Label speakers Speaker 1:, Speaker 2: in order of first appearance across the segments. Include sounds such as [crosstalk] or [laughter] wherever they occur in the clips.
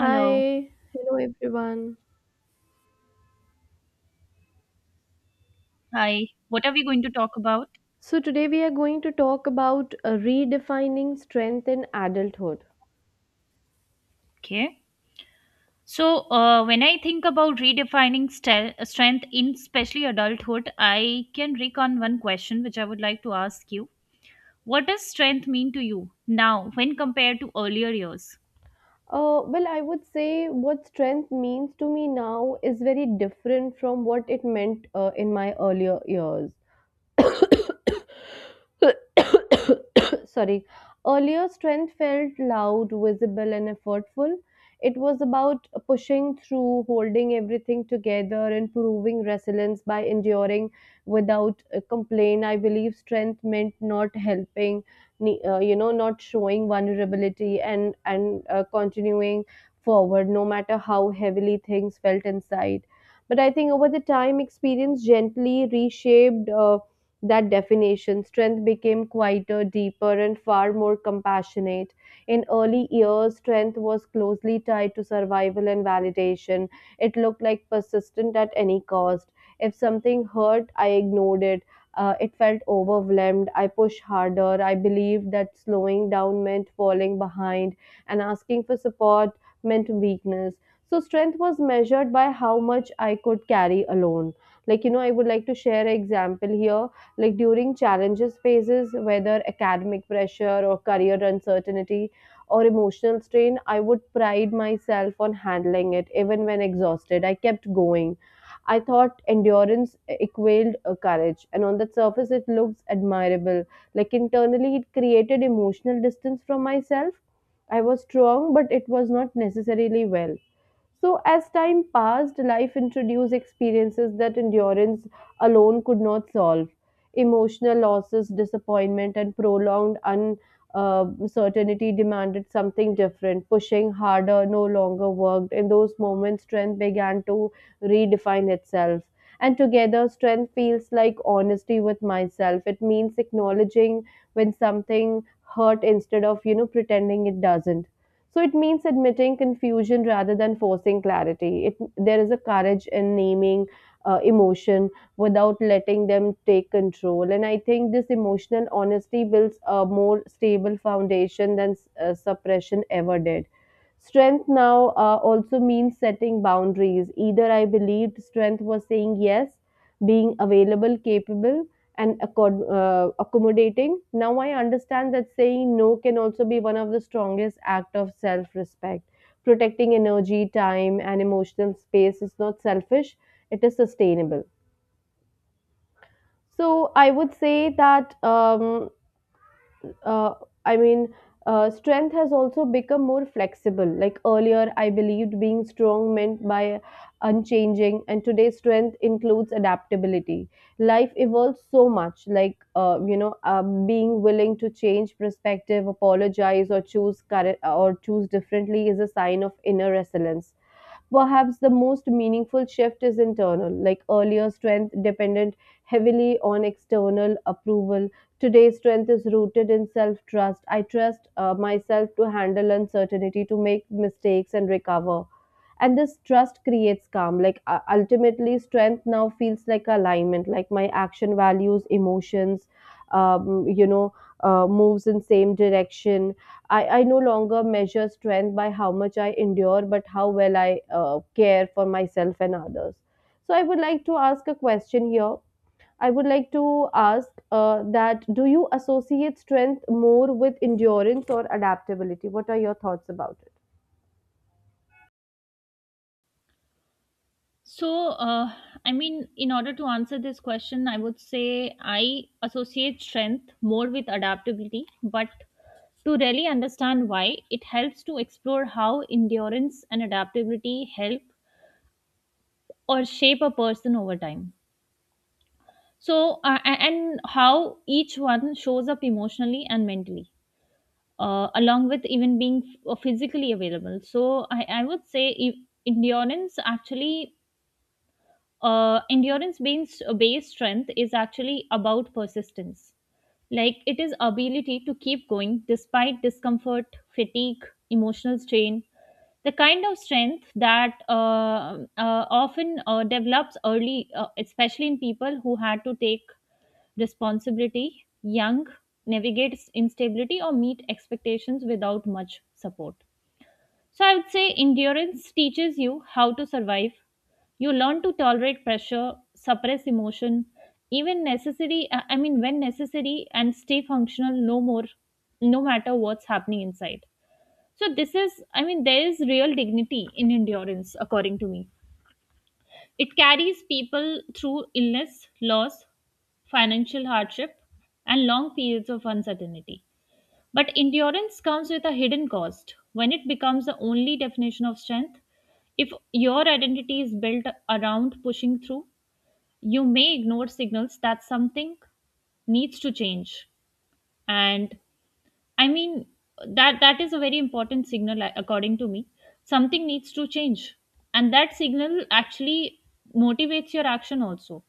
Speaker 1: Hello.
Speaker 2: hello everyone.
Speaker 1: Hi. What are we going to talk about?
Speaker 2: So, today we are going to talk about redefining strength in adulthood.
Speaker 1: Okay. So, when I think about redefining strength in especially adulthood, I can recon one question which I would like to ask you. What does strength mean to you now when compared to earlier years?
Speaker 2: Well, I would say what strength means to me now is very different from what it meant in my earlier years. [laughs] [coughs] [coughs] sorry, earlier strength felt loud, visible, and effortful. It was about pushing through, holding everything together, and proving resilience by enduring without a complaint. I believe strength meant not helping, you know, not showing vulnerability, and continuing forward no matter how heavily things felt inside. But I think over the time, experience gently reshaped that definition. Strength became quieter, deeper, and far more compassionate. In early years, strength was closely tied to survival and validation. It looked like persistent at any cost. If something hurt, I ignored it. It felt overwhelmed. I pushed harder. I believed that slowing down meant falling behind, and asking for support meant weakness. So, strength was measured by how much I could carry alone. Like, you know, I would like to share an example here. Like, during challenges phases, whether academic pressure or career uncertainty or emotional strain, I would pride myself on handling it. Even when exhausted, I kept going. I thought endurance equaled courage, and on the surface it looks admirable, like internally it created emotional distance from myself. I was strong, but it was not necessarily well. So, as time passed, life introduced experiences that endurance alone could not solve. Emotional losses, disappointment, and prolonged uncertainty demanded something different. Pushing harder no longer worked. In those moments, strength began to redefine itself. And together, strength feels like honesty with myself. It means acknowledging when something hurt instead of, you know, pretending it doesn't. So it means admitting confusion rather than forcing clarity. It there is a courage in naming emotion without letting them take control, and I think this emotional honesty builds a more stable foundation than suppression ever did. Strength now also means setting boundaries. Either I believed strength was saying yes, being available, capable, and accommodating. Now I understand that saying no can also be one of the strongest act of self-respect. Protecting energy, time, and emotional space is not selfish; it is sustainable. So I would say that uh, I mean, strength has also become more flexible. Like earlier, I believed being strong meant by unchanging, and today, strength includes adaptability. Life evolves so much, like, you know, being willing to change perspective, apologize, or choose, current, or choose differently is a sign of inner resilience. Perhaps the most meaningful shift is internal. Like earlier, strength depended heavily on external approval. Today's strength is rooted in self trust. I trust myself to handle uncertainty, to make mistakes, and recover. And this trust creates calm. Like, ultimately, strength now feels like alignment, like my action, values, emotions, um, you know, moves in same direction. I no longer measure strength by how much I endure, but how well I care for myself and others. So, I would like to ask a question here. I would like to ask that do you associate strength more with endurance or adaptability? What are your thoughts about it?
Speaker 1: So, uh, in order to answer this question, I would say I associate strength more with adaptability, but to really understand why, it helps to explore how endurance and adaptability help or shape a person over time. So, and how each one shows up emotionally and mentally, along with even being physically available. So, I would say if endurance actually, endurance based strength is actually about persistence. Like, it is ability to keep going despite discomfort, fatigue, emotional strain. The kind of strength that often develops early, especially in people who had to take responsibility young, navigate instability, or meet expectations without much support. So I would say endurance teaches you how to survive. You learn to tolerate pressure, suppress emotion, even necessary, when necessary, and stay functional, no more, no matter what's happening inside. So this is, I mean, there is real dignity in endurance according to me. It carries people through illness, loss, financial hardship, and long periods of uncertainty. But endurance comes with a hidden cost. When it becomes the only definition of strength, if your identity is built around pushing through, you may ignore signals that something needs to change. And, I mean, that is a very important signal, according to me. Something needs to change. And that signal actually motivates your action also.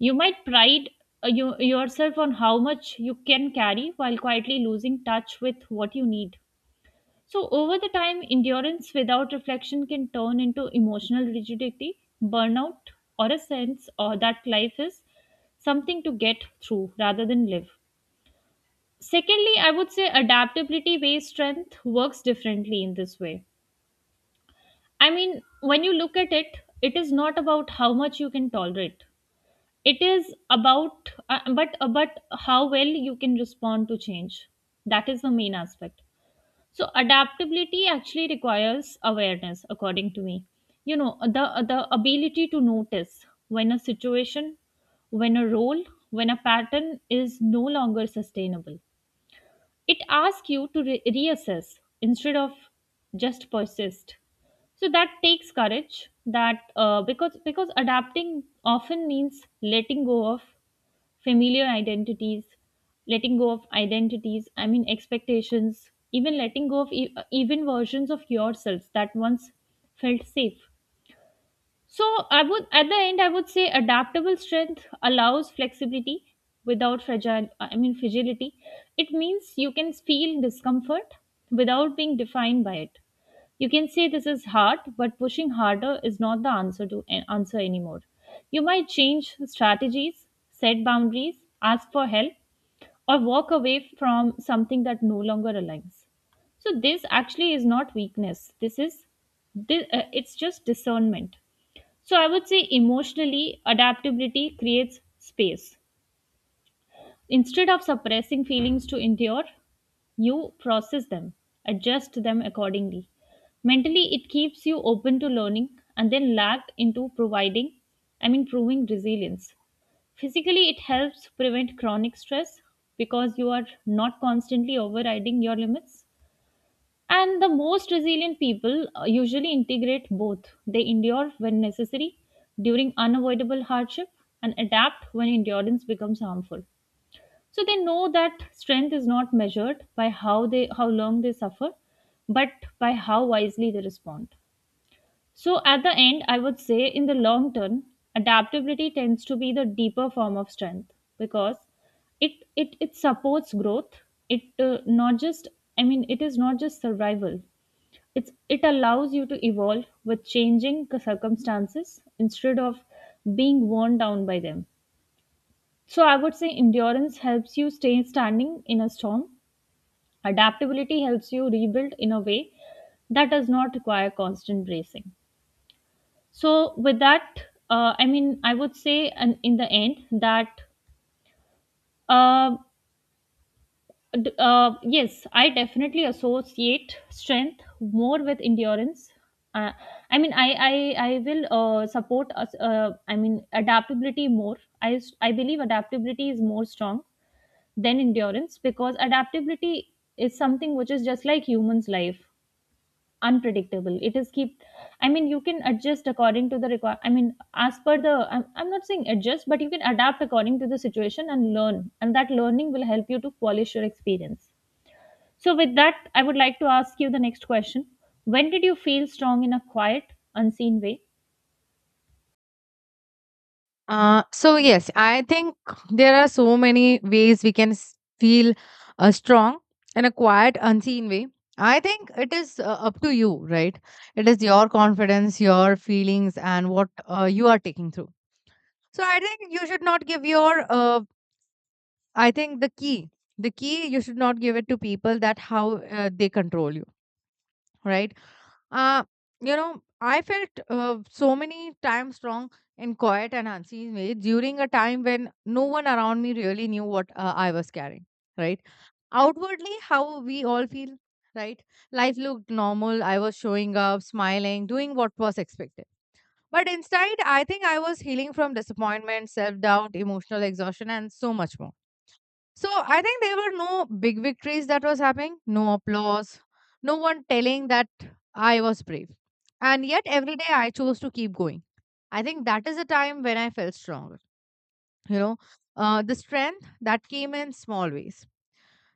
Speaker 1: You might pride yourself on how much you can carry while quietly losing touch with what you need. So, over the time, endurance without reflection can turn into emotional rigidity, burnout, or a sense or that life is something to get through rather than live. Secondly, I would say adaptability based strength works differently in this way. I mean, when you look at it, it is not about how much you can tolerate. It is about, but how well you can respond to change. That is the main aspect. So adaptability actually requires awareness, according to me. You know, the ability to notice when a situation, when a role, when a pattern is no longer sustainable. It asks you to reassess instead of just persist. So that takes courage. That, because adapting often means letting go of familiar identities, letting go of identities, I mean, expectations, even letting go of even versions of yourselves that once felt safe. So I would, at the end, I would say adaptable strength allows flexibility without fragile I mean fragility. It means you can feel discomfort without being defined by it. You can say this is hard, but pushing harder is not the answer to an answer anymore. You might change strategies, set boundaries, ask for help, or walk away from something that no longer aligns. So this actually is not weakness. This is it's just discernment. So I would say emotionally, adaptability creates space. Instead of suppressing feelings to endure, you process them, adjust them accordingly. Mentally, it keeps you open to learning and then lagged into proving resilience. Physically, it helps prevent chronic stress because you are not constantly overriding your limits. And the most resilient people usually integrate both. They endure when necessary during unavoidable hardship, and adapt when endurance becomes harmful. So they know that strength is not measured by how long they suffer, but by how wisely they respond. So at the end, I would say in the long term, adaptability tends to be the deeper form of strength because it supports growth. It uh, not just it is not just survival, it allows you to evolve with changing circumstances instead of being worn down by them. So I would say endurance helps you stay standing in a storm, adaptability helps you rebuild in a way that does not require constant bracing. So, with that, I would say, and in the end, that um yes, I definitely associate strength more with endurance. Uh, I will support. Us- I mean, adaptability more. I believe adaptability is more strong than endurance because adaptability is something which is just like humans' life, unpredictable. It is keep. I mean, you can adjust according to the require. I mean, as per the. I'm not saying adjust, but you can adapt according to the situation and learn, and that learning will help you to polish your experience. So, with that, I would like to ask you the next question. When did you feel strong in a quiet, unseen way?
Speaker 3: So yes, I think there are so many ways we can feel strong in a quiet, unseen way. I think it is up to you, right? It is your confidence, your feelings, and what you are taking through. So I think you should not give your. I think the key, you should not give it to people that how they control you, right? Uh, I felt so many times strong in quiet and unseen way during a time when no one around me really knew what I was carrying, right? Outwardly, how we all feel, right? Life looked normal. I was showing up, smiling, doing what was expected. But inside, I think I was healing from disappointment, self doubt, emotional exhaustion, and so much more. So I think there were no big victories that was happening, no applause, no one telling that I was brave. And yet every day I chose to keep going. I think that is a time when I felt stronger. You know, the strength that came in small ways.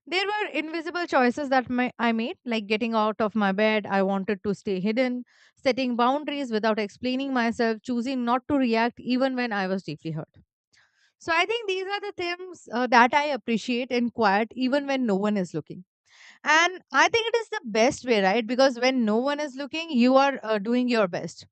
Speaker 3: There were invisible choices that I made, like getting out of my bed. I wanted to stay hidden, setting boundaries without explaining myself, choosing not to react even when I was deeply hurt. So I think these are the things that I appreciate in quiet, even when no one is looking. And I think it is the best way, right? Because when no one is looking, you are doing your best.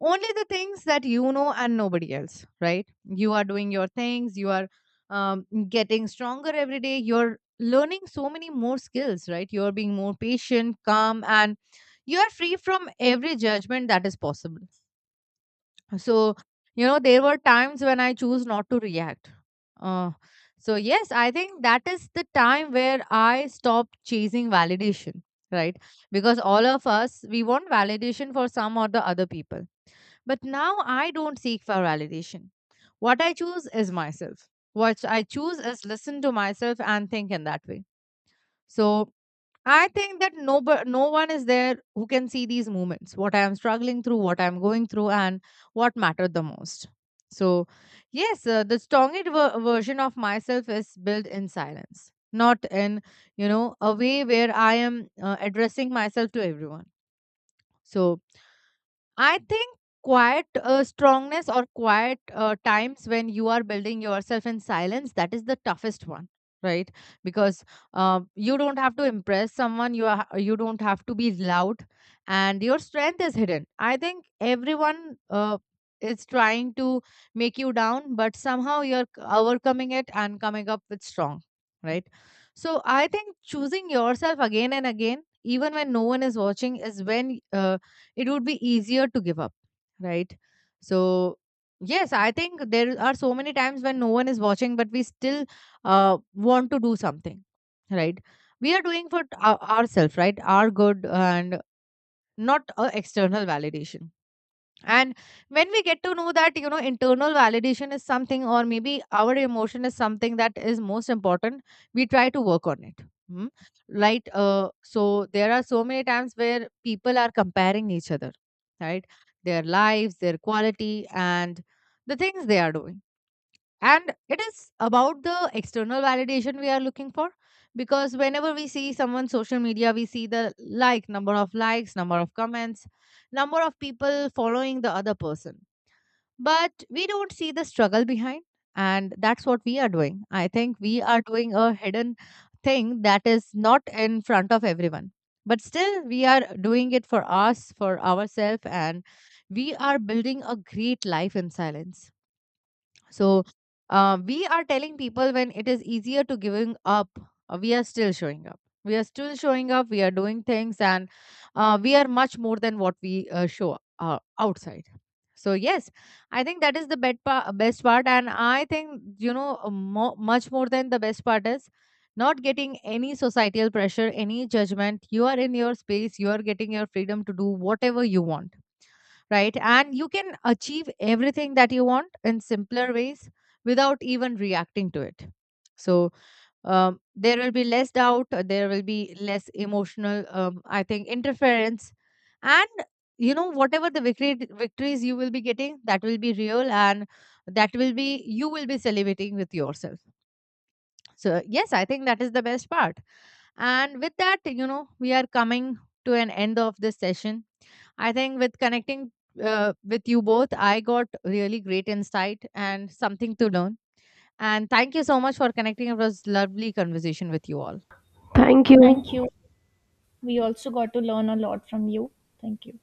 Speaker 3: Only the things that you know and nobody else, right? You are doing your things. You are getting stronger every day. You're learning so many more skills, right? You're being more patient, calm, and you are free from every judgment that is possible. So, you know, there were times when I choose not to react. Uh, so, yes, I think that is the time where I stopped chasing validation, right? Because all of us, we want validation for some or the other people. But now I don't seek for validation. What I choose is myself. What I choose is listen to myself and think in that way. So, I think that no one is there who can see these moments, what I am struggling through, what I am going through, and what mattered the most. So, yes, the strongest version of myself is built in silence, not in, you know, a way where I am addressing myself to everyone. So, I think quiet strongness or quiet times when you are building yourself in silence, that is the toughest one, right? Because you don't have to impress someone you are, you don't have to be loud, and your strength is hidden. I think everyone is trying to make you down, but somehow you're overcoming it and coming up with strong, right? So I think choosing yourself again and again even when no one is watching is when it would be easier to give up, right? So yes, I think there are so many times when no one is watching, but we still uh, want to do something, right? We are doing for ourselves, right? Our good, and not external validation. And when we get to know that, you know, internal validation is something, or maybe our emotion is something that is most important, we try to work on it. Hmm? Right. So there are so many times where people are comparing each other, right? Their lives, their quality, and the things they are doing, and it is about the external validation we are looking for. Because whenever we see someone social media, we see the like number of likes, number of comments, number of people following the other person, but we don't see the struggle behind. And that's what we are doing. I think we are doing a hidden thing that is not in front of everyone, but still we are doing it for us, for ourselves, and we are building a great life in silence. So we are telling people when it is easier to giving up, we are still showing up. We are still showing up. We are doing things, and we are much more than what we show outside. So yes, I think that is the best part, and I think you know much more than the best part is not getting any societal pressure, any judgment. You are in your space. You are getting your freedom to do whatever you want, right? And you can achieve everything that you want in simpler ways without even reacting to it. So there will be less doubt, there will be less emotional, I think, interference. And you know, whatever victories you will be getting, that will be real, and that will be, you will be celebrating with yourself. So, yes, I think that is the best part. And with that, you know, we are coming to an end of this session. I think with connecting with you both, I got really great insight and something to learn. And thank you so much for connecting. It was lovely conversation with you all.
Speaker 2: Thank you.
Speaker 1: Thank you. We also got to learn a lot from you. Thank you.